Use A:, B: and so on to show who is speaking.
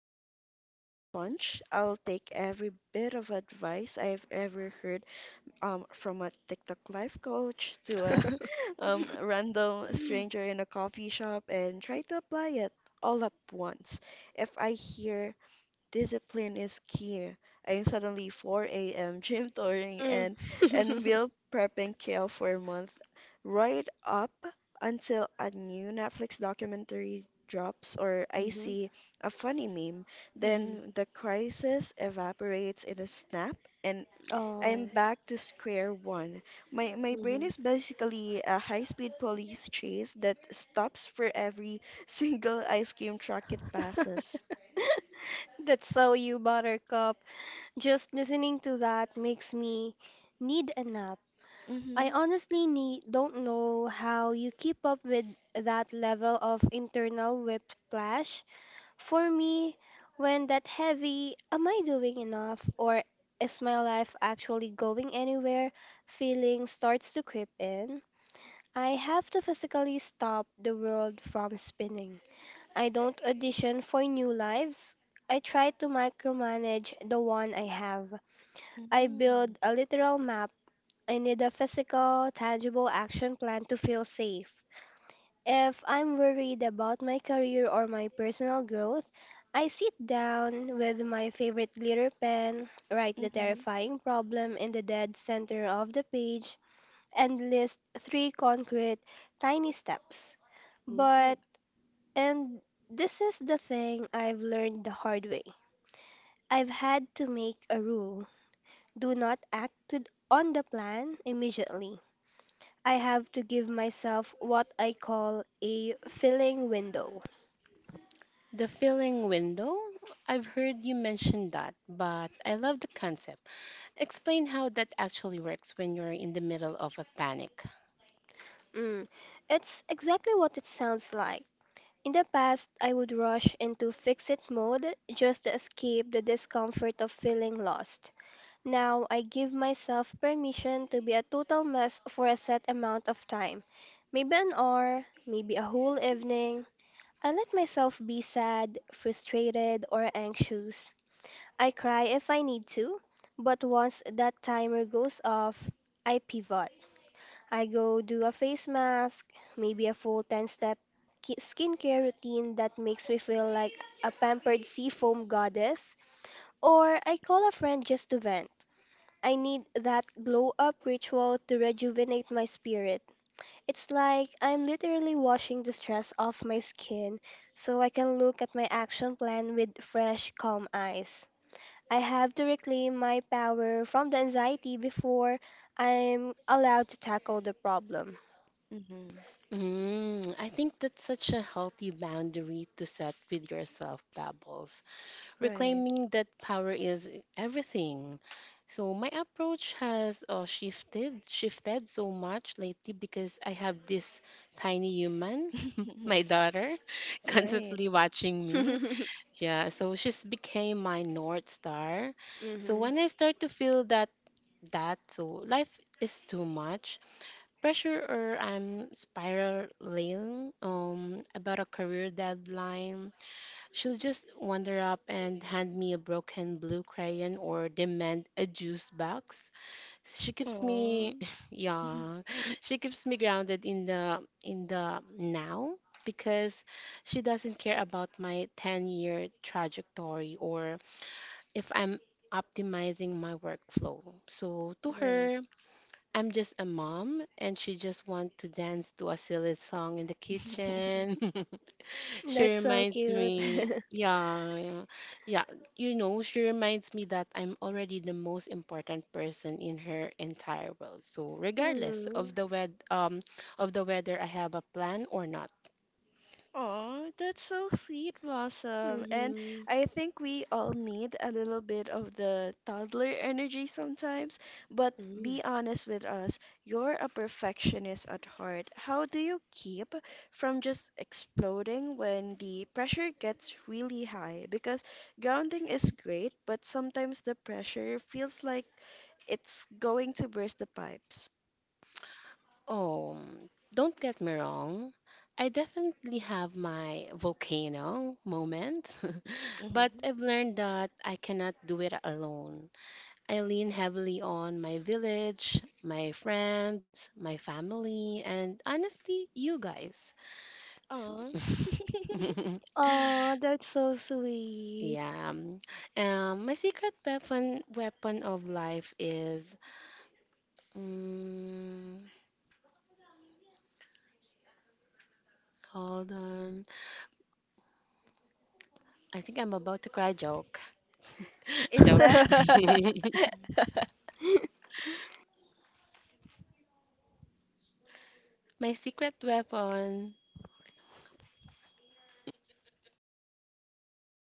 A: self-improvement sponge. I'll take every bit of advice I've ever heard, from a TikTok life coach to a random stranger in a coffee shop and try to apply it all at once. If I hear Discipline is key. I'm suddenly 4 a.m. gym touring and meal prepping kale for a month, right up until a new Netflix documentary drops or I
B: Mm-hmm.
A: see a funny meme.
B: Mm-hmm.
A: Then the crisis evaporates in a snap, and
B: Oh.
A: I'm back to square one. My brain
B: Mm-hmm.
A: is basically a high-speed police chase that stops for every single ice cream truck it passes.
B: That's so you, Buttercup. Just listening to that makes me need a nap. I
A: Mm-hmm.
B: honestly need, don't know how you keep up with that level of internal whiplash. For me, when that heavy, am I doing enough or is my life actually going anywhere? Feeling starts to creep in. I have to physically stop the world from spinning. I don't audition for new lives. I try to micromanage the one I have. I
A: Mm.
B: build a literal map. I need a physical, tangible action plan to feel safe. If I'm worried about my career or my personal growth, I sit down with my favorite glitter pen, write the
A: Mhm.
B: terrifying problem in the dead center of the page, and list three concrete, tiny steps. But,
A: Ooh.
B: and this is the thing I've learned the hard way. I've had to make a rule. Do not on the plan immediately. I have to give myself what I call a filling window.
C: The filling window? I've heard you mention that, but I love the concept. Explain how that actually works when you're in the middle of a panic.
B: Mm, it's exactly what it sounds like. In the past, I would rush into fix it mode just to escape the discomfort of feeling lost. Now, I give myself permission to be a total mess for a set amount of time, maybe an hour, maybe a whole evening. I let myself be sad, frustrated, or anxious. I cry if I need to, but once that timer goes off, I pivot. I go do a face mask, maybe a full 10 step skincare routine that makes me feel like a pampered seafoam goddess, or I call a friend just to vent. I need that glow up ritual to rejuvenate my spirit. It's like I'm literally washing the stress off my skin so I can look at my action plan with fresh, calm eyes. I have to reclaim my power from the anxiety before I'm allowed to tackle the problem.
A: Mhm.
C: Mm, I think that's such a healthy boundary to set with yourself, Babbles.
A: Right.
C: Reclaiming that power is everything. So my approach has shifted so much lately because I have this tiny human, my daughter,
A: Right.
C: constantly watching me. Yeah, so she's became my north star. So
B: Hmm.
C: when I start to feel that life is too much pressure or I'm spiraling about a career deadline, she'll just wander up and hand me a broken blue crayon or demand a juice box she keeps me
A: Oh.
C: Yeah, she keeps me grounded in the now, because she doesn't care about my 10-year trajectory or if I'm optimizing my workflow. So to
A: Right.
C: her, I'm just a mom and she just want to dance to a silly song in the kitchen. She
B: That's so
C: reminds
B: cute.
C: me, yeah, yeah, yeah, you know, she reminds me that I'm already the most important person in her entire world. So regardless
B: Mm-hmm.
C: of the wed of the whether I have a plan or not.
A: Oh, that's so sweet, Blossom. And
B: Mm-hmm.
A: I think we all need a little bit of the toddler energy sometimes. But be honest with us, you're a perfectionist at heart. How do you keep from just exploding when the pressure gets really high? Because grounding is great, but sometimes the pressure feels like it's going to burst the pipes.
C: Oh, don't get me wrong. I definitely have my volcano moment, but
A: Mm-hmm.
C: I've learned that I cannot do it alone. I lean heavily on my village, my friends, my family, and honestly, you guys.
A: Aw.
B: Oh, that's so sweet.
C: Yeah. My secret weapon of life is mm hold on. I think I'm about to cry joke.
A: Is
C: Joke.
A: that
C: My secret weapon